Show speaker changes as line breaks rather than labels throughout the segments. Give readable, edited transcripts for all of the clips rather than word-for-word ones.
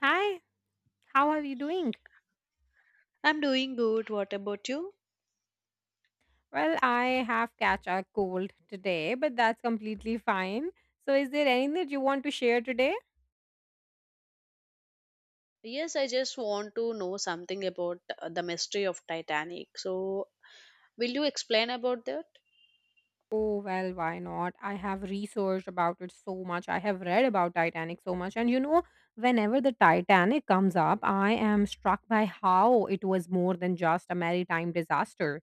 Hi, how are you doing?
I'm doing good. What about you?
Well, I have catch a cold today, but that's completely fine. So is there anything that you want to share today?
Yes, I just want to know something about the mystery of Titanic. So, will you explain about that?
Oh, well, why not? I have researched about it so much. I have read about Titanic so much. And you know, whenever the Titanic comes up, I am struck by how it was more than just a maritime disaster.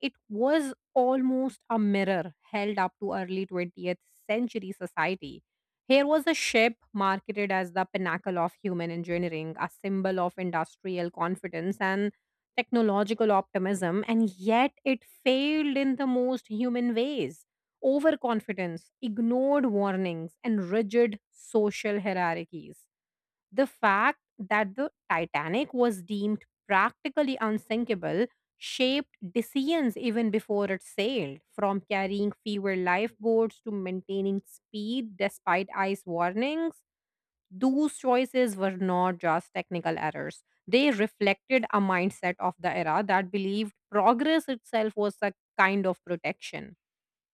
It was almost a mirror held up to early 20th century society. Here was a ship marketed as the pinnacle of human engineering, a symbol of industrial confidence, and technological optimism, and yet it failed in the most human ways. Overconfidence, ignored warnings, and rigid social hierarchies. The fact that the Titanic was deemed practically unsinkable shaped decisions even before it sailed, from carrying fewer lifeboats to maintaining speed despite ice warnings. Those choices were not just technical errors. They reflected a mindset of the era that believed progress itself was a kind of protection.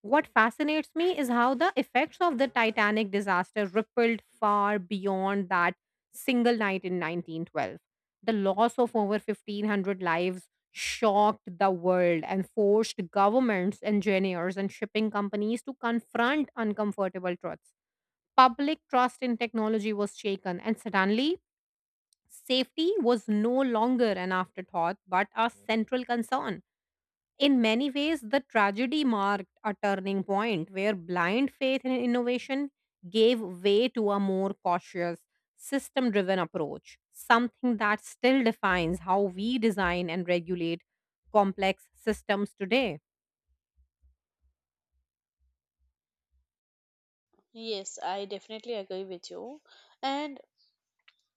What fascinates me is how the effects of the Titanic disaster rippled far beyond that single night in 1912. The loss of over 1,500 lives shocked the world and forced governments, engineers, and shipping companies to confront uncomfortable truths. Public trust in technology was shaken, and suddenly, safety was no longer an afterthought but a central concern. In many ways, the tragedy marked a turning point where blind faith in innovation gave way to a more cautious, system driven approach, something that still defines how we design and regulate complex systems today.
Yes, I definitely agree with you. And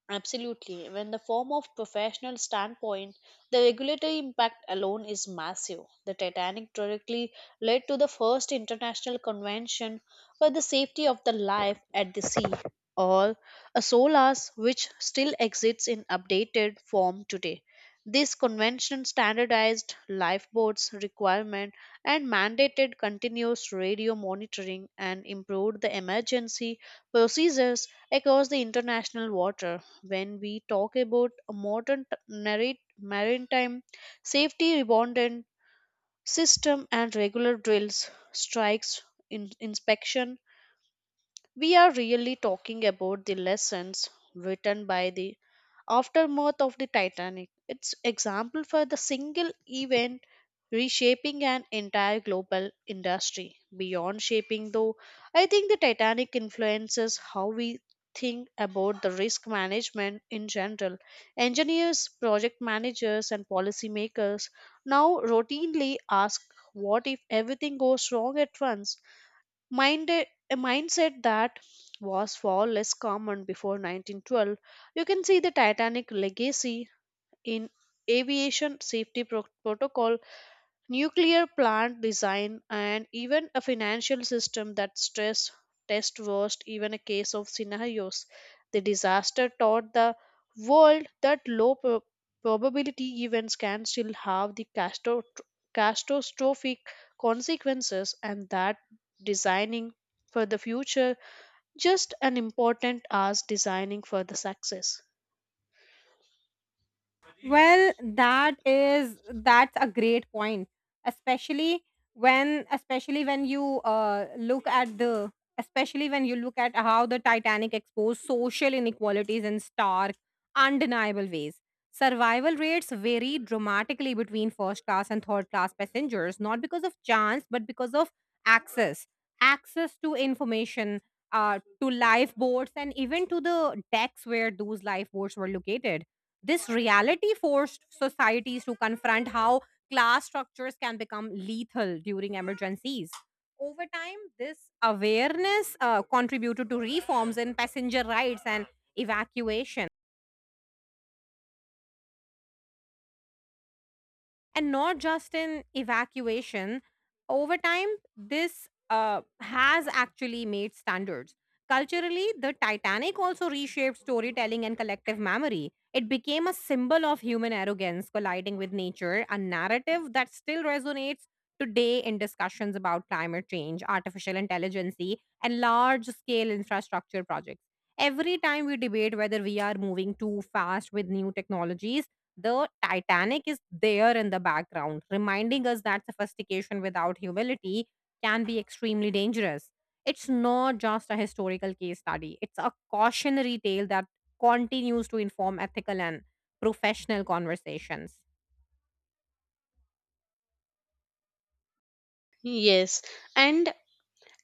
absolutely. When the form of professional standpoint, the regulatory impact alone is massive. The Titanic directly led to the first international convention for the safety of the life at the sea, or a SOLAS, which still exists in updated form today. This convention standardized lifeboats requirement and mandated continuous radio monitoring and improved the emergency procedures across the international water when we talk about a modern narrate, maritime safety redundant system and regular drills strikes inspection we are really talking about the lessons written by the aftermath of the Titanic. It's example for the single event reshaping an entire global industry. Beyond shaping though, I think the Titanic influences how we think about the risk management in general. Engineers, project managers and policymakers now routinely ask what if everything goes wrong at once? Minded A mindset that was far less common before 1912. You can see the titanic legacy in aviation safety protocol, nuclear plant design, and even a financial system that stress test worst even a case of scenarios. The disaster taught the world that low probability events can still have the catastrophic consequences, and that designing for the future just as important as designing for the success.
Well, that's a great point, especially especially when you look at the especially when you look at how the Titanic exposed social inequalities in stark, undeniable ways. Survival rates vary dramatically between first class and third class passengers, not because of chance, but because of access, access to information, to lifeboats, and even to the decks where those lifeboats were located. This reality forced societies to confront how class structures can become lethal during emergencies. Over time, this awareness contributed to reforms in passenger rights and evacuation, and not just in evacuation. Over time, this has actually made standards. Culturally, the Titanic also reshaped storytelling and collective memory. It became a symbol of human arrogance colliding with nature, a narrative that still resonates today in discussions about climate change, artificial intelligence, and large scale infrastructure projects. Every time we debate whether we are moving too fast with new technologies, the Titanic is there in the background, reminding us that sophistication without humility can be extremely dangerous. It's not just a historical case study, it's a cautionary tale that continues to inform ethical and professional conversations.
Yes, and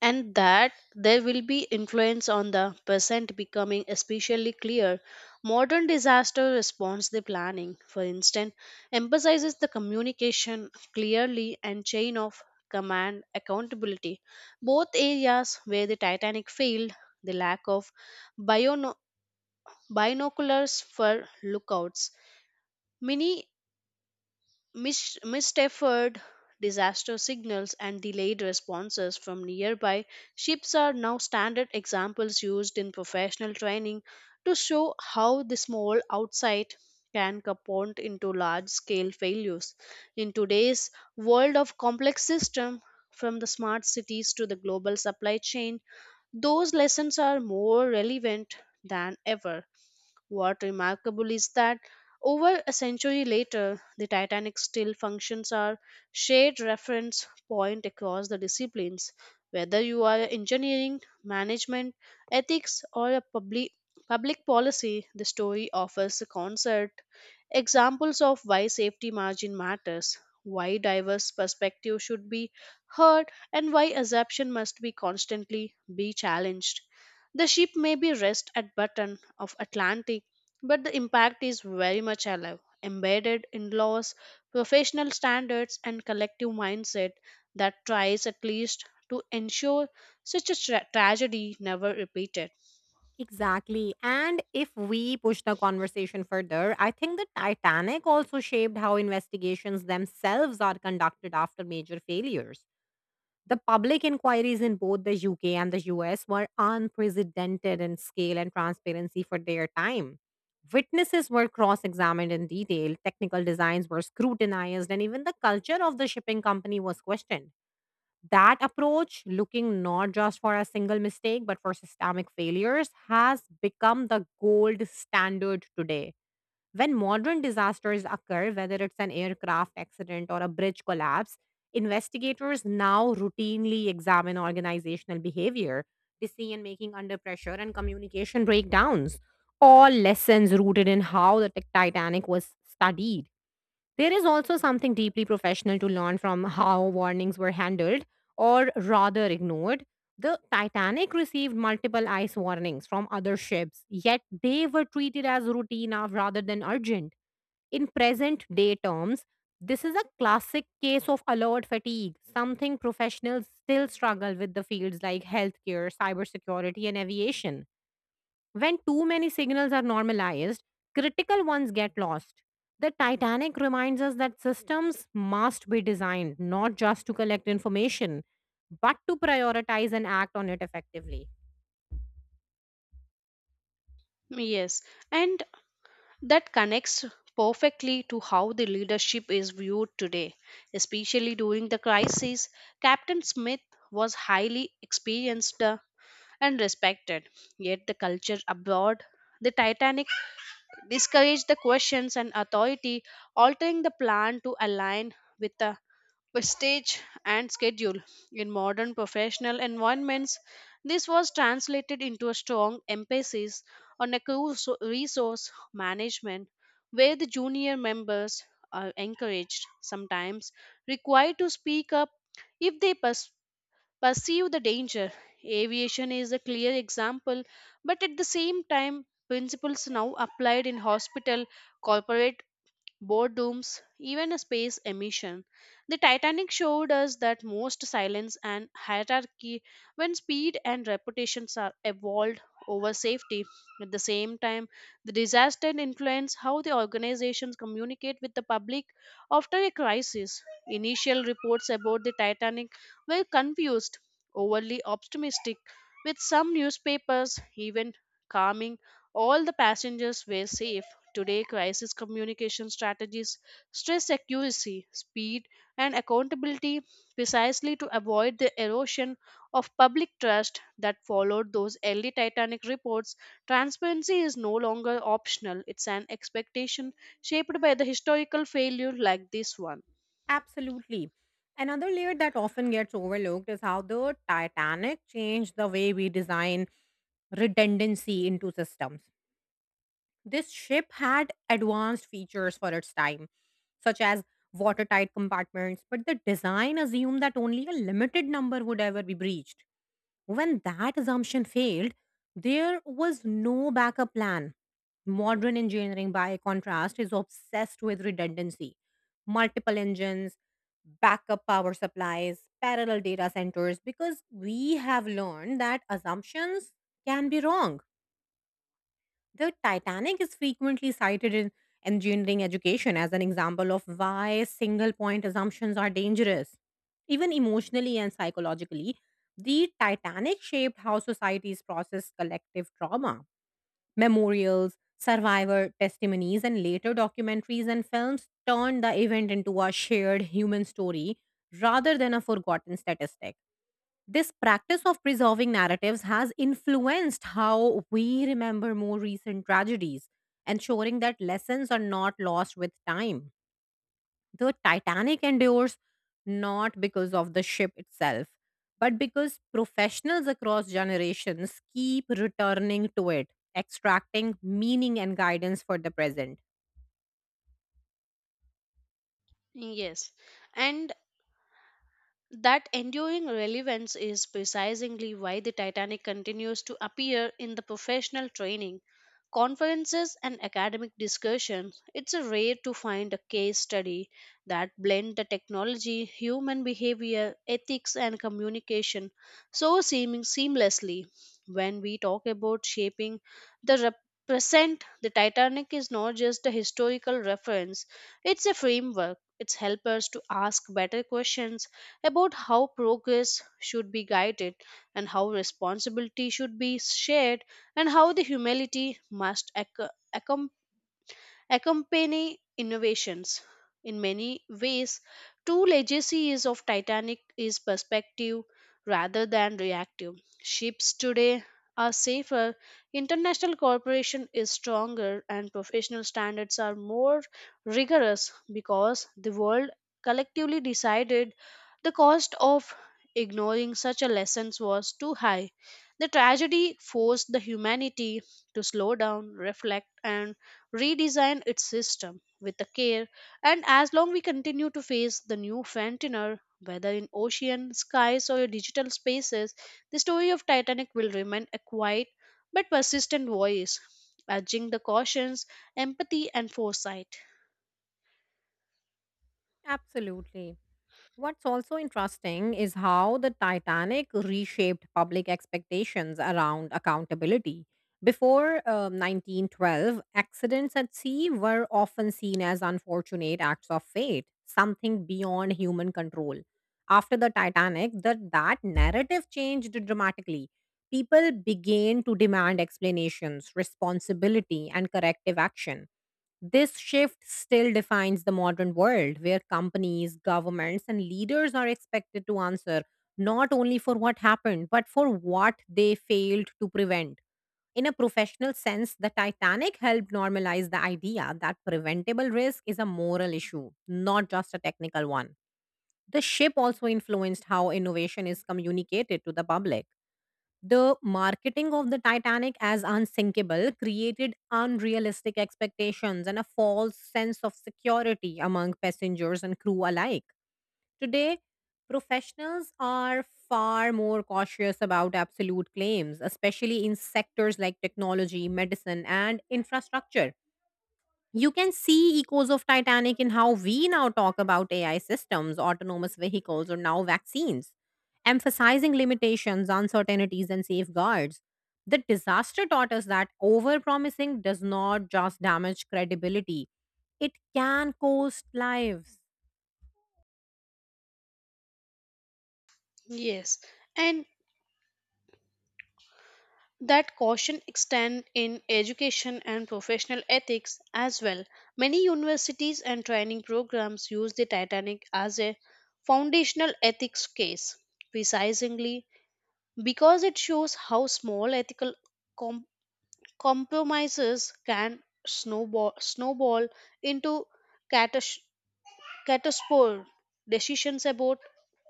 and that there will be influence on the present becoming especially clear modern disaster response the planning, for instance, emphasizes the communication clearly and chain of command accountability, both areas where the titanic failed. The lack of biono- binoculars for lookouts, many missed effort, disaster signals, and delayed responses from nearby ships are now standard examples used in professional training to show how the small outside can compound into large scale failures. In today's world of complex systems, from the smart cities to the global supply chain, those lessons are more relevant than ever. What remarkable is that over a century later, the Titanic still functions as shared reference point across the disciplines. Whether you are engineering, management, ethics, or a public policy, the story offers a concert examples of why safety margin matters, why diverse perspectives should be heard, and why assumption must be constantly be challenged. The ship may be rest at button of Atlantic, but the impact is very much alive, embedded in laws, professional standards, and collective mindset that tries at least to ensure such a tragedy never repeated.
Exactly. And if we push the conversation further, I think the Titanic also shaped how investigations themselves are conducted after major failures. The public inquiries in both the UK and the US were unprecedented in scale and transparency for their time. Witnesses were cross examined in detail, technical designs were scrutinized, and even the culture of the shipping company was questioned. That approach, looking not just for a single mistake, but for systemic failures, has become the gold standard today. When modern disasters occur, whether it's an aircraft accident or a bridge collapse, investigators now routinely examine organizational behavior, decision making under pressure, and communication breakdowns. All lessons rooted in how the Titanic was studied. There is also something deeply professional to learn from how warnings were handled, or rather ignored. The Titanic received multiple ice warnings from other ships, yet they were treated as routine of- rather than urgent. In present day terms, this is a classic case of alert fatigue, something professionals still struggle with the fields like healthcare, cybersecurity, and aviation. When too many signals are normalized, critical ones get lost. The Titanic reminds us that systems must be designed not just to collect information, but to prioritize and act on it effectively.
Yes, and that connects perfectly to how the leadership is viewed today. Especially during the crisis, Captain Smith was highly experienced and respected, yet the culture abroad the Titanic discourage the questions and authority, altering the plan to align with the prestige and schedule. In modern professional environments, this was translated into a strong emphasis on a resource management where the junior members are encouraged, sometimes required to speak up if they perceive the danger. Aviation is a clear example, but at the same time, principles now applied in hospital, corporate boardrooms, even space emission. The Titanic showed us that most silence and hierarchy, when speed and reputations are evolved over safety. At the same time, the disaster influenced how the organizations communicate with the public after a crisis. Initial reports about the Titanic were confused, overly optimistic, with some newspapers even calming all the passengers were safe. Today, crisis communication strategies stress accuracy, speed, and accountability precisely to avoid the erosion of public trust that followed those early Titanic reports. Transparency is no longer optional, it's an expectation shaped by the historical failure like this one.
Absolutely. Another layer that often gets overlooked is how the Titanic changed the way we design redundancy into systems. This ship had advanced features for its time, such as watertight compartments, but the design assumed that only a limited number would ever be breached. When that assumption failed, there was no backup plan. Modern engineering, by contrast, is obsessed with redundancy, multiple engines, backup power supplies, parallel data centers, because we have learned that assumptions can be wrong. The Titanic is frequently cited in engineering education as an example of why single point assumptions are dangerous. Even emotionally and psychologically, the Titanic shaped how societies process collective trauma. Memorials, survivor testimonies, and later documentaries and films turned the event into a shared human story rather than a forgotten statistic. This practice of preserving narratives has influenced how we remember more recent tragedies, ensuring that lessons are not lost with time. The Titanic endures not because of the ship itself, but because professionals across generations keep returning to it, extracting meaning and guidance for the present.
Yes, and that enduring relevance is precisely why the Titanic continues to appear in the professional training, conferences, and academic discussions. It's rare to find a case study that blend the technology, human behavior, ethics, and communication so seeming seamlessly. When we talk about shaping the represent, the Titanic is not just a historical reference; it's a framework. It helps us to ask better questions about how progress should be guided, and how responsibility should be shared, and how the humility must accompany innovations. In many ways, two legacy is of Titanic is perspective rather than reactive. Ships today are safer, international cooperation is stronger, and professional standards are more rigorous because the world collectively decided the cost of ignoring such a lessons was too high. The tragedy forced the humanity to slow down, reflect, and redesign its system with the care, and as long we continue to face the new frontier, whether in ocean skies or digital spaces, the story of titanic will remain a quiet but persistent voice urging the cautions, empathy and foresight.
Absolutely. What's also interesting is how the Titanic reshaped public expectations around accountability. Before 1912, accidents at sea were often seen as unfortunate acts of fate, something beyond human control. After the Titanic, that narrative changed dramatically. People began to demand explanations, responsibility, and corrective action. This shift still defines the modern world where companies, governments, and leaders are expected to answer not only for what happened, but for what they failed to prevent. In a professional sense, the Titanic helped normalize the idea that preventable risk is a moral issue, not just a technical one. The ship also influenced how innovation is communicated to the public. The marketing of the Titanic as unsinkable created unrealistic expectations and a false sense of security among passengers and crew alike. Today, professionals are far more cautious about absolute claims, especially in sectors like technology, medicine, and infrastructure. You can see echoes of Titanic in how we now talk about AI systems, autonomous vehicles, or now vaccines, emphasizing limitations, uncertainties, and safeguards. The disaster taught us that overpromising does not just damage credibility, it can cost lives.
Yes, and that caution extend in education and professional ethics as well. Many universities and training programs use the Titanic as a foundational ethics case, precisely because it shows how small ethical com- compromises can snowball into catastrophes. Caterpillar decisions about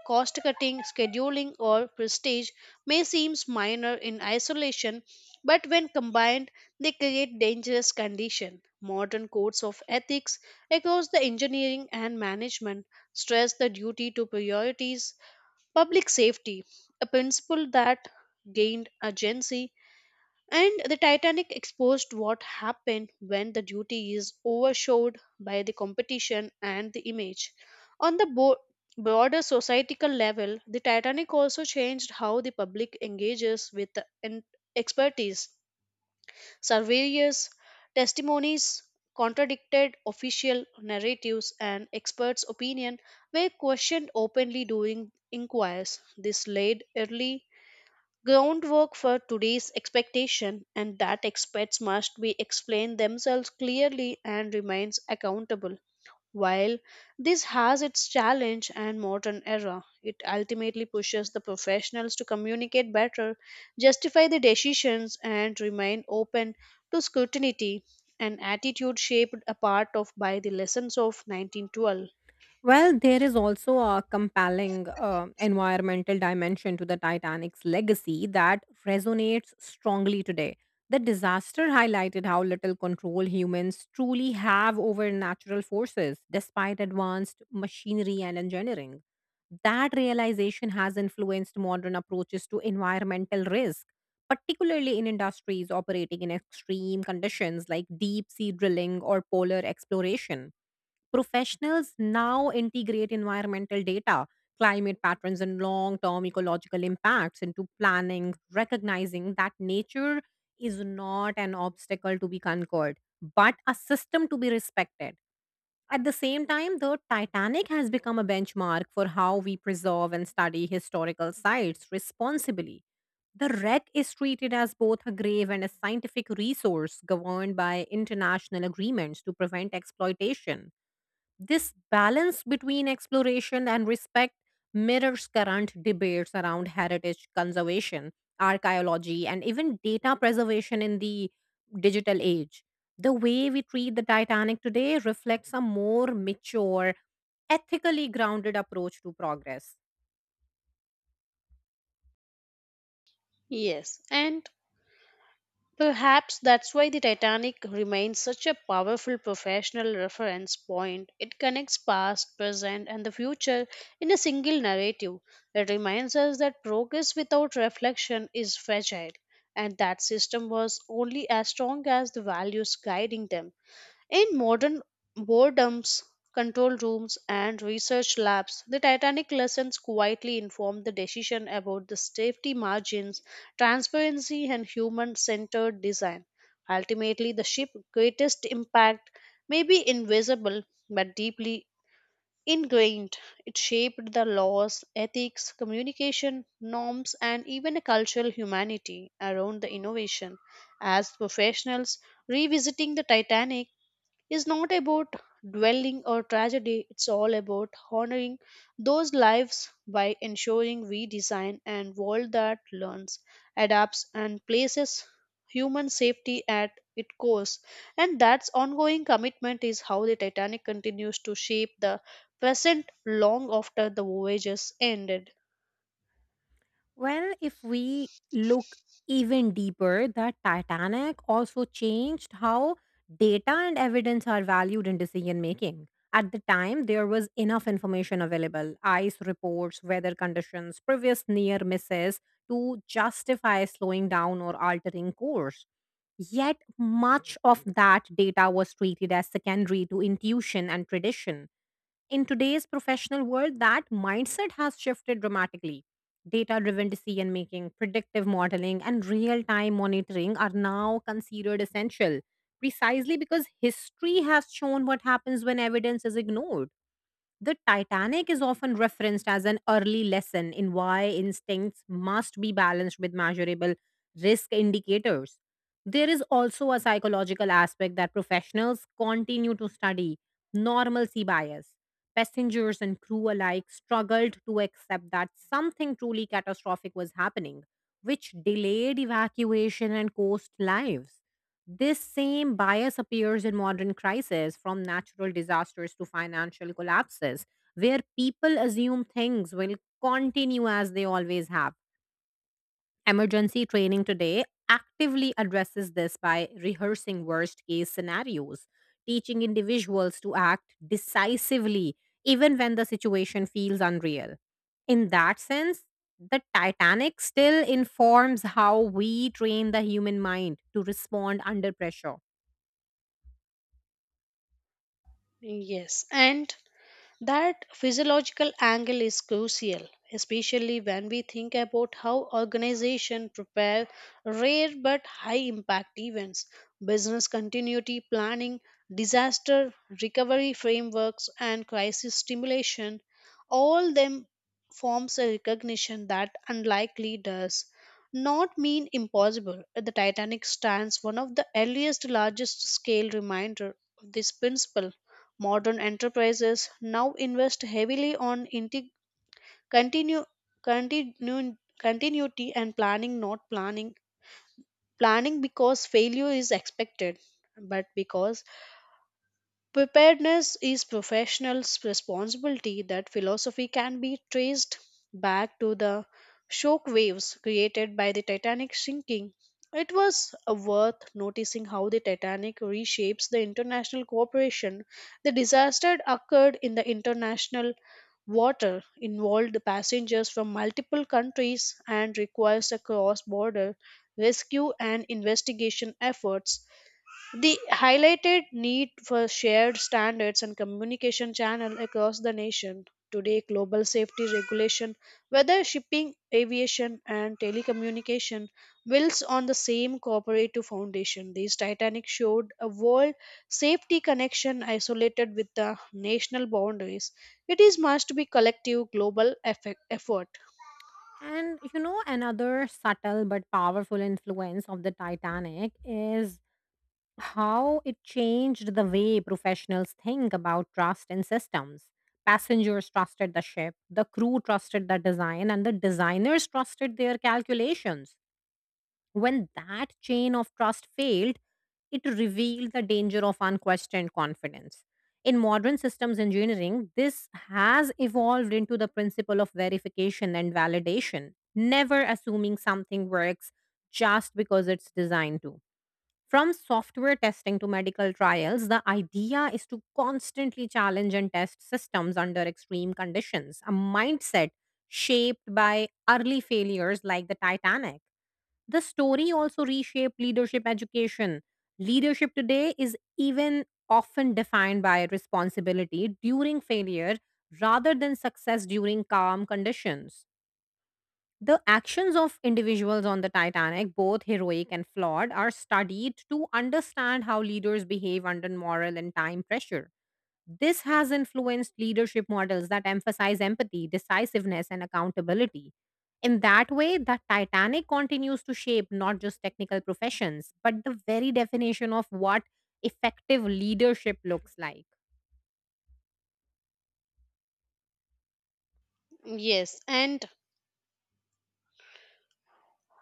cost cutting, scheduling, or prestige may seem minor in isolation, but when combined, they create dangerous conditions. Modern codes of ethics across the engineering and management stress the duty to priorities public safety, a principle that gained urgency. And the Titanic exposed what happened when the duty is overshadowed by the competition and the image. On the broader societal level, the Titanic also changed how the public engages with the expertise. Surveyors' testimonies contradicted official narratives, and experts' opinion were questioned openly during inquires. This led early groundwork for today's expectation, and that experts must be explain themselves clearly and remains accountable. While this has its challenge and modern era, it ultimately pushes the professionals to communicate better, justify the decisions, and remain open to scrutiny, an attitude shaped apart of by the lessons of 1912.
Well, there is also a compelling environmental dimension to the Titanic's legacy that resonates strongly today. The disaster highlighted how little control humans truly have over natural forces, despite advanced machinery and engineering. That realization has influenced modern approaches to environmental risk, particularly in industries operating in extreme conditions like deep sea drilling or polar exploration. Professionals now integrate environmental data, climate patterns, and long term ecological impacts into planning, recognizing that nature is not an obstacle to be conquered, but a system to be respected. At the same time, the Titanic has become a benchmark for how we preserve and study historical sites responsibly. The wreck is treated as both a grave and a scientific resource governed by international agreements to prevent exploitation. This balance between exploration and respect mirrors current debates around heritage conservation, archaeology, and even data preservation in the digital age. The way we treat the Titanic today reflects a more mature, ethically grounded approach to progress.
Yes, and perhaps that's why the Titanic remains such a powerful professional reference point. It connects past, present, and the future in a single narrative. It reminds us that progress without reflection is fragile, and that system was only as strong as the values guiding them. In modern boredoms, control rooms, and research labs, the Titanic lessons quietly inform the decision about the safety margins, transparency, and human centered design. Ultimately, the ship's greatest impact may be invisible but deeply ingrained. It shaped the laws, ethics, communication, norms, and even a cultural humanity around the innovation. As professionals revisiting the Titanic, is not about dwelling or tragedy, it's all about honoring those lives by ensuring we design an world that learns, adapts, and places human safety at its course. And that ongoing commitment is how the Titanic continues to shape the present long after the voyage has ended.
Well, if we look even deeper, the Titanic also changed how data and evidence are valued in decision making. At the time, there was enough information available ice reports, weather conditions, previous near misses to justify slowing down or altering course. Yet, much of that data was treated as secondary to intuition and tradition in today's professional world, that mindset has shifted dramatically. Data driven decision making, predictive modeling, and real time monitoring are now considered essential, precisely because history has shown what happens when evidence is ignored. The Titanic is often referenced as an early lesson in why instincts must be balanced with measurable risk indicators. There is also a psychological aspect that professionals continue to study normalcy bias. Passengers and crew alike struggled to accept that something truly catastrophic was happening, which delayed evacuation and cost lives. This same bias appears in modern crises, from natural disasters to financial collapses, where people assume things will continue as they always have. Emergency training today actively addresses this by rehearsing worst case scenarios, teaching individuals to act decisively even when the situation feels unreal. In that sense, the Titanic still informs how we train the human mind to respond under pressure.
Yes, and that physiological angle is crucial, especially when we think about how organizations prepare rare but high impact events, business continuity planning, disaster recovery frameworks, and crisis stimulation. All them forms a recognition that unlikely does not mean impossible. The Titanic stands one of the earliest largest scale reminder of this principle. Modern enterprises now invest heavily on continu- continuity and planning, not planning. Planning because failure is expected, but because preparedness is professionals' responsibility. That philosophy can be traced back to the shock waves created by the Titanic sinking. It was worth noticing how the Titanic reshapes the international cooperation. The disaster occurred in the international water, involved the passengers from multiple countries, and requires a cross border rescue and investigation efforts. The highlighted need for shared standards and communication channel across the nation. Today, global safety regulation, whether shipping, aviation, and telecommunication, builds on the same cooperative foundation. This Titanic showed a world safety connection isolated with the national boundaries. It is must be collective global effort.
And you know, another subtle but powerful influence of the Titanic is how it changed the way professionals think about trust and systems. Passengers trusted the ship, the crew trusted the design, and the designers trusted their calculations when that chain of trust failed, it revealed the danger of unquestioned confidence. In modern systems engineering, this has evolved into the principle of verification and validation, never assuming something works just because it's designed to. From software testing to medical trials, the idea is to constantly challenge and test systems under extreme conditions, a mindset shaped by early failures like the Titanic. The story also reshaped leadership education. Leadership today is even often defined by responsibility during failure rather than success during calm conditions. The actions of individuals on the Titanic, both heroic and flawed, are studied to understand how leaders behave under moral and time pressure. This has influenced leadership models that emphasize empathy, decisiveness, and accountability. In that way, the Titanic continues to shape not just technical professions, but the very definition of what effective leadership looks like.
Yes, and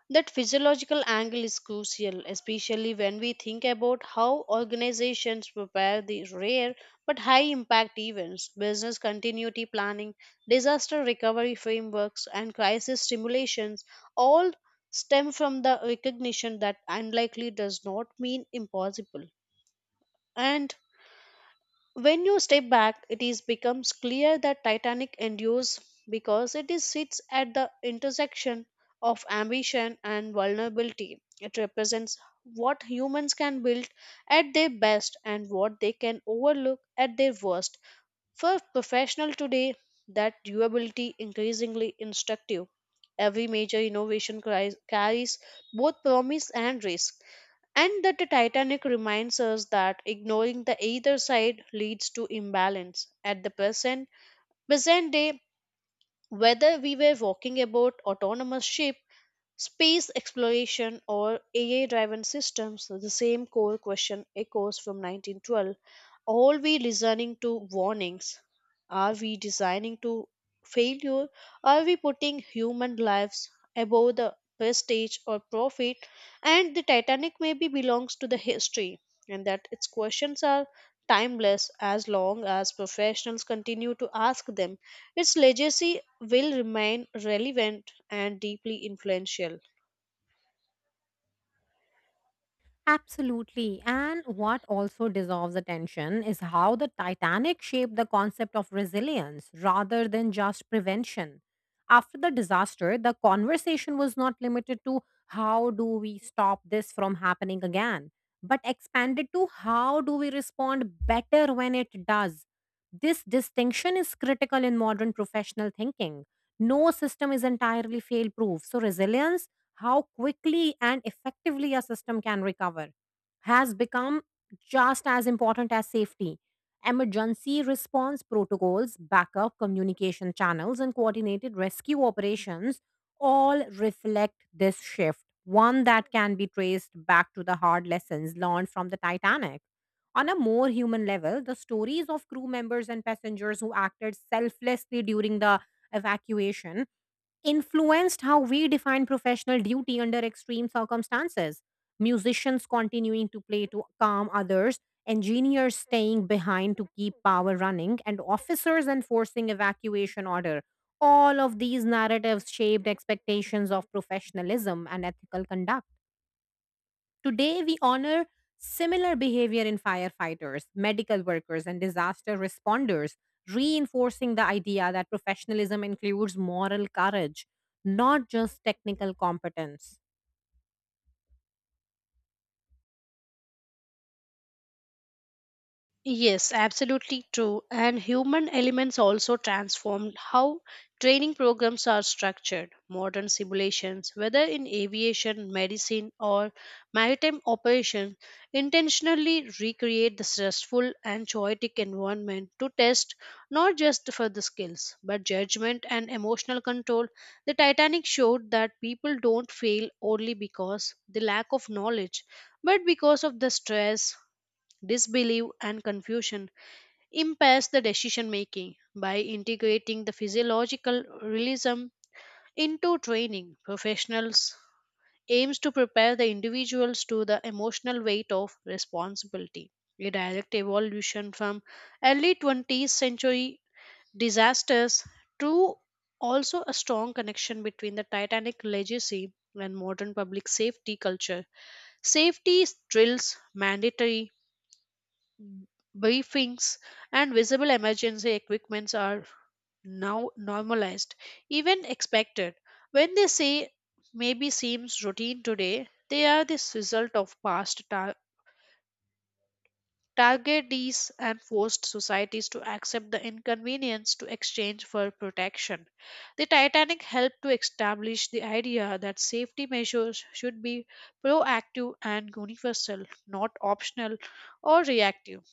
that physiological angle is crucial, especially when we think about how organizations prepare the rare but high impact events, business continuity planning, disaster recovery frameworks, and crisis simulations all stem from the recognition that unlikely does not mean impossible. And when you step back, it is becomes clear that Titanic endures because it is sits at the intersection of ambition and vulnerability. It represents what humans can build at their best and what they can overlook at their worst. For professional today, that durability increasingly instructive. Every major innovation carries both promise and risk, and that the Titanic reminds us that ignoring the either side leads to imbalance. At the present day, whether we were walking about autonomous ship, space exploration, or AI driven systems, the same core question echoes from 1912. Are we listening to warnings? Are we designing to failure? Are we putting human lives above the prestige or profit? And the Titanic maybe belongs to the history, and that its questions are timeless. As long as professionals continue to ask them, its legacy will remain relevant and deeply influential.
Absolutely. And what also dissolves attention is how the Titanic shaped the concept of resilience rather than just prevention. After the disaster, the conversation was not limited to how do we stop this from happening again, but expanded to how do we respond better when it does. This distinction is critical in modern professional thinking. No system is entirely fail proof. So, resilience, how quickly and effectively a system can recover, has become just as important as safety. Emergency response protocols, backup communication channels, and coordinated rescue operations all reflect this shift, one that can be traced back to the hard lessons learned from the Titanic. On a more human level, the stories of crew members and passengers who acted selflessly during the evacuation influenced how we define professional duty under extreme circumstances. Musicians continuing to play to calm others, engineers staying behind to keep power running, and officers enforcing evacuation order. All of these narratives shaped expectations of professionalism and ethical conduct. Today, we honor similar behavior in firefighters, medical workers, and disaster responders, reinforcing the idea that professionalism includes moral courage, not just technical competence.
Yes, absolutely true. And human elements also transformed how training programs are structured. Modern simulations, whether in aviation, medicine, or maritime operations, intentionally recreate the stressful and chaotic environment to test not just for the skills, but judgment and emotional control. The Titanic showed that people don't fail only because the lack of knowledge, but because of the stress, disbelief and confusion impairs the decision making. By integrating the physiological realism into training, professionals aims to prepare the individuals to the emotional weight of responsibility, a direct evolution from early 20th century disasters to also a strong connection between the titanic legacy and modern public safety culture. Safety drills, mandatory briefings, and visible emergency equipments are now normalized, even expected. When they say maybe seems routine today, they are the result of past targetees and forced societies to accept the inconvenience to exchange for protection. The Titanic helped to establish the idea that safety measures should be proactive and universal, not optional or reactive.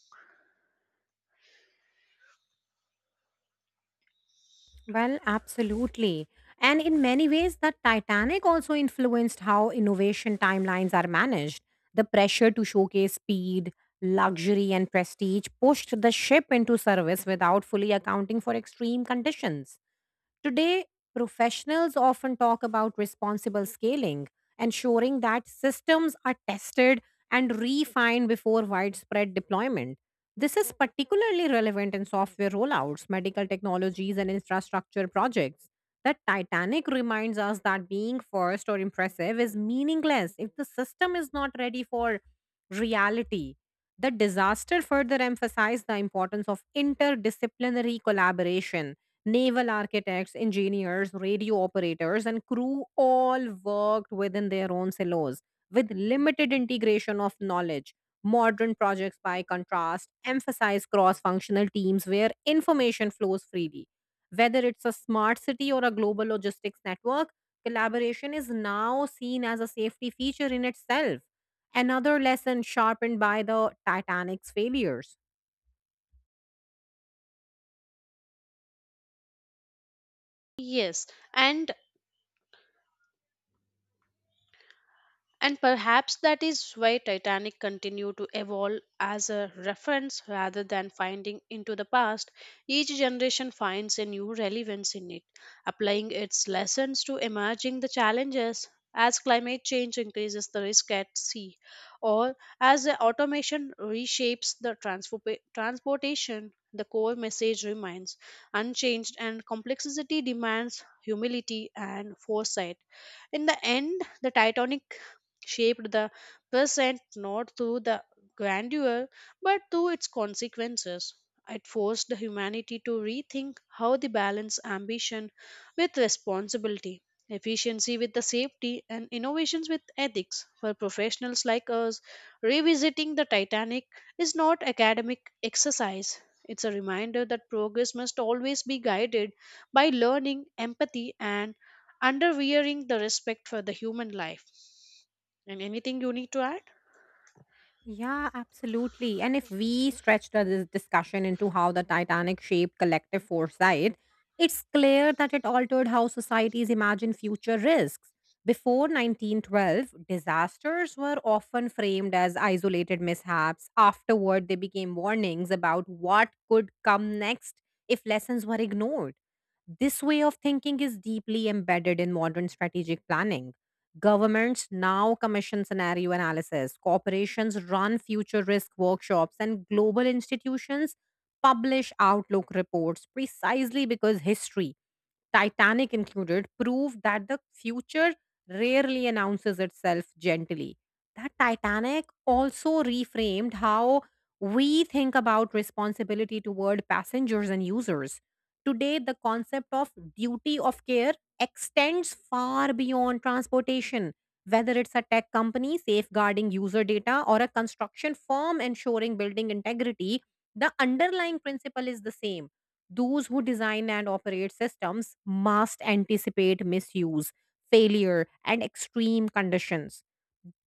Well, absolutely. And in many ways, the Titanic also influenced how innovation timelines are managed. The pressure to showcase speed, luxury, and prestige pushed the ship into service without fully accounting for extreme conditions. Today, professionals often talk about responsible scaling, ensuring that systems are tested and refined before widespread deployment. This is particularly relevant in software rollouts, medical technologies, and infrastructure projects. The Titanic reminds us that being first or impressive is meaningless if the system is not ready for reality. The disaster further emphasized the importance of interdisciplinary collaboration. Naval architects, engineers, radio operators, and crew all worked within their own silos with limited integration of knowledge. Modern projects, by contrast, emphasize cross functional teams where information flows freely. Whether it's a smart city or a global logistics network, collaboration is now seen as a safety feature in itself. Another lesson sharpened by the Titanic's failures.
Yes, and And perhaps that is why Titanic continued to evolve as a reference rather than finding into the past. Each generation finds a new relevance in it, applying its lessons to emerging the challenges. As climate change increases the risk at sea, or as the automation reshapes the transportation, the core message remains unchanged and complexity demands humility and foresight. In the end, the Titanic shaped the present not through the grandeur but through its consequences. It forced the humanity to rethink how they balance ambition with responsibility, efficiency with the safety, and innovations with ethics. For professionals like us, revisiting the Titanic is not academic exercise. It's a reminder that progress must always be guided by learning, empathy, and underwearing the respect for the human life. And anything you need to add?
Yeah, absolutely. And if we stretch this discussion into how the Titanic shaped collective foresight, it's clear that it altered how societies imagine future risks. Before 1912, disasters were often framed as isolated mishaps. Afterward, they became warnings about what could come next if lessons were ignored. This way of thinking is deeply embedded in modern strategic planning. Governments now commission scenario analysis, corporations run future risk workshops, and global institutions publish outlook reports precisely because history, Titanic included, prove that the future rarely announces itself gently. That Titanic also reframed how we think about responsibility toward passengers and users. Today, the concept of duty of care extends far beyond transportation, whether it's a tech company safeguarding user data or a construction firm ensuring building integrity. The underlying principle is the same: those who design and operate systems must anticipate misuse, failure, and extreme conditions.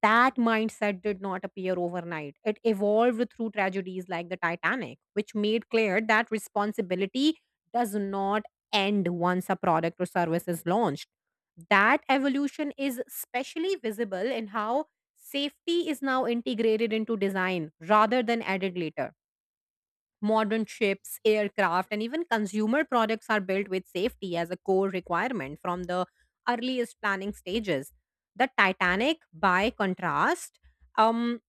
That mindset did not appear overnight. It evolved through tragedies like the Titanic, which made clear that responsibility does not end once a product or service is launched. That evolution is especially visible in how safety is now integrated into design rather than added later. Modern ships, aircraft, and even consumer products are built with safety as a core requirement from the earliest planning stages. The Titanic, by contrast, um,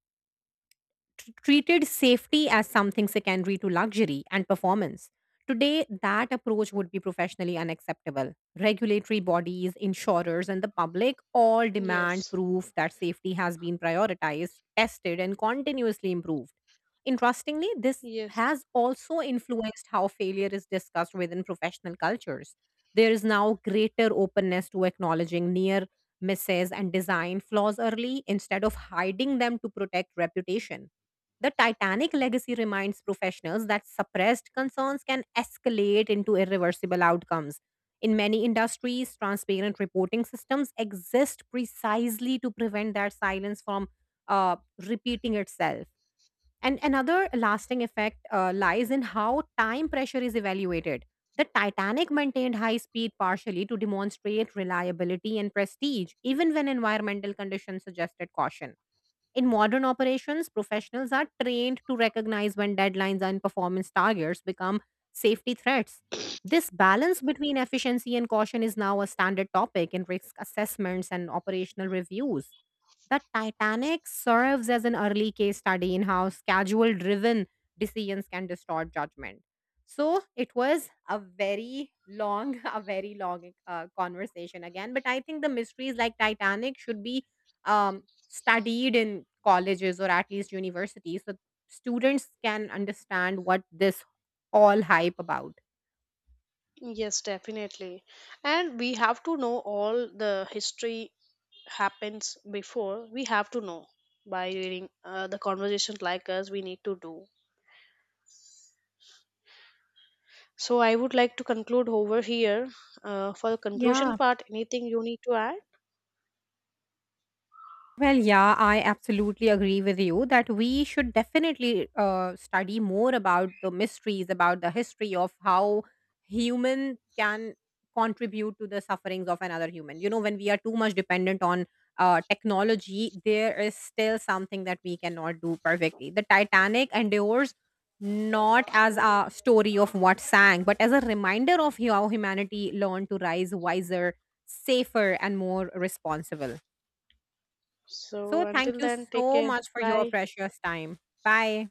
treated safety as something secondary to luxury and performance. Today, that approach would be professionally unacceptable. Regulatory bodies, insurers, and the public all demand
Yes,
proof that safety has been prioritized, tested, and continuously improved. Interestingly, this
yes,
has also influenced how failure is discussed within professional cultures. There is now greater openness to acknowledging near misses and design flaws early instead of hiding them to protect reputation. The Titanic legacy reminds professionals that suppressed concerns can escalate into irreversible outcomes. In many industries, transparent reporting systems exist precisely to prevent that silence from uh, repeating itself. And another lasting effect lies in how time pressure is evaluated. The Titanic maintained high speed partially to demonstrate reliability and prestige, even when environmental conditions suggested caution. In modern operations, professionals are trained to recognize when deadlines and performance targets become safety threats. This balance between efficiency and caution is now a standard topic in risk assessments and operational reviews. The Titanic serves as an early case study in how schedule driven decisions can distort judgment. So it was a very long, a very long conversation again. But I think the mysteries like Titanic should be um, studied in colleges or at least universities so students can understand what this all hype about.
yes, definitely. And we have to know all the history happens before. We have to know by reading the conversations like us. We need to do. So I would like to conclude over here. For the conclusion
Yeah,
part, anything you need to add?
yeah, I absolutely agree with you that we should definitely study more about the mysteries, about the history of how human can contribute to the sufferings of another human. You know, when we are too much dependent on technology, there is still something that we cannot do perfectly. The Titanic endures not as a story of what sank, but as a reminder of how humanity learned to rise wiser, safer, and more responsible.
So
So, thank
until
you
then, take
so
care.
much for your
Bye.
precious time. Bye.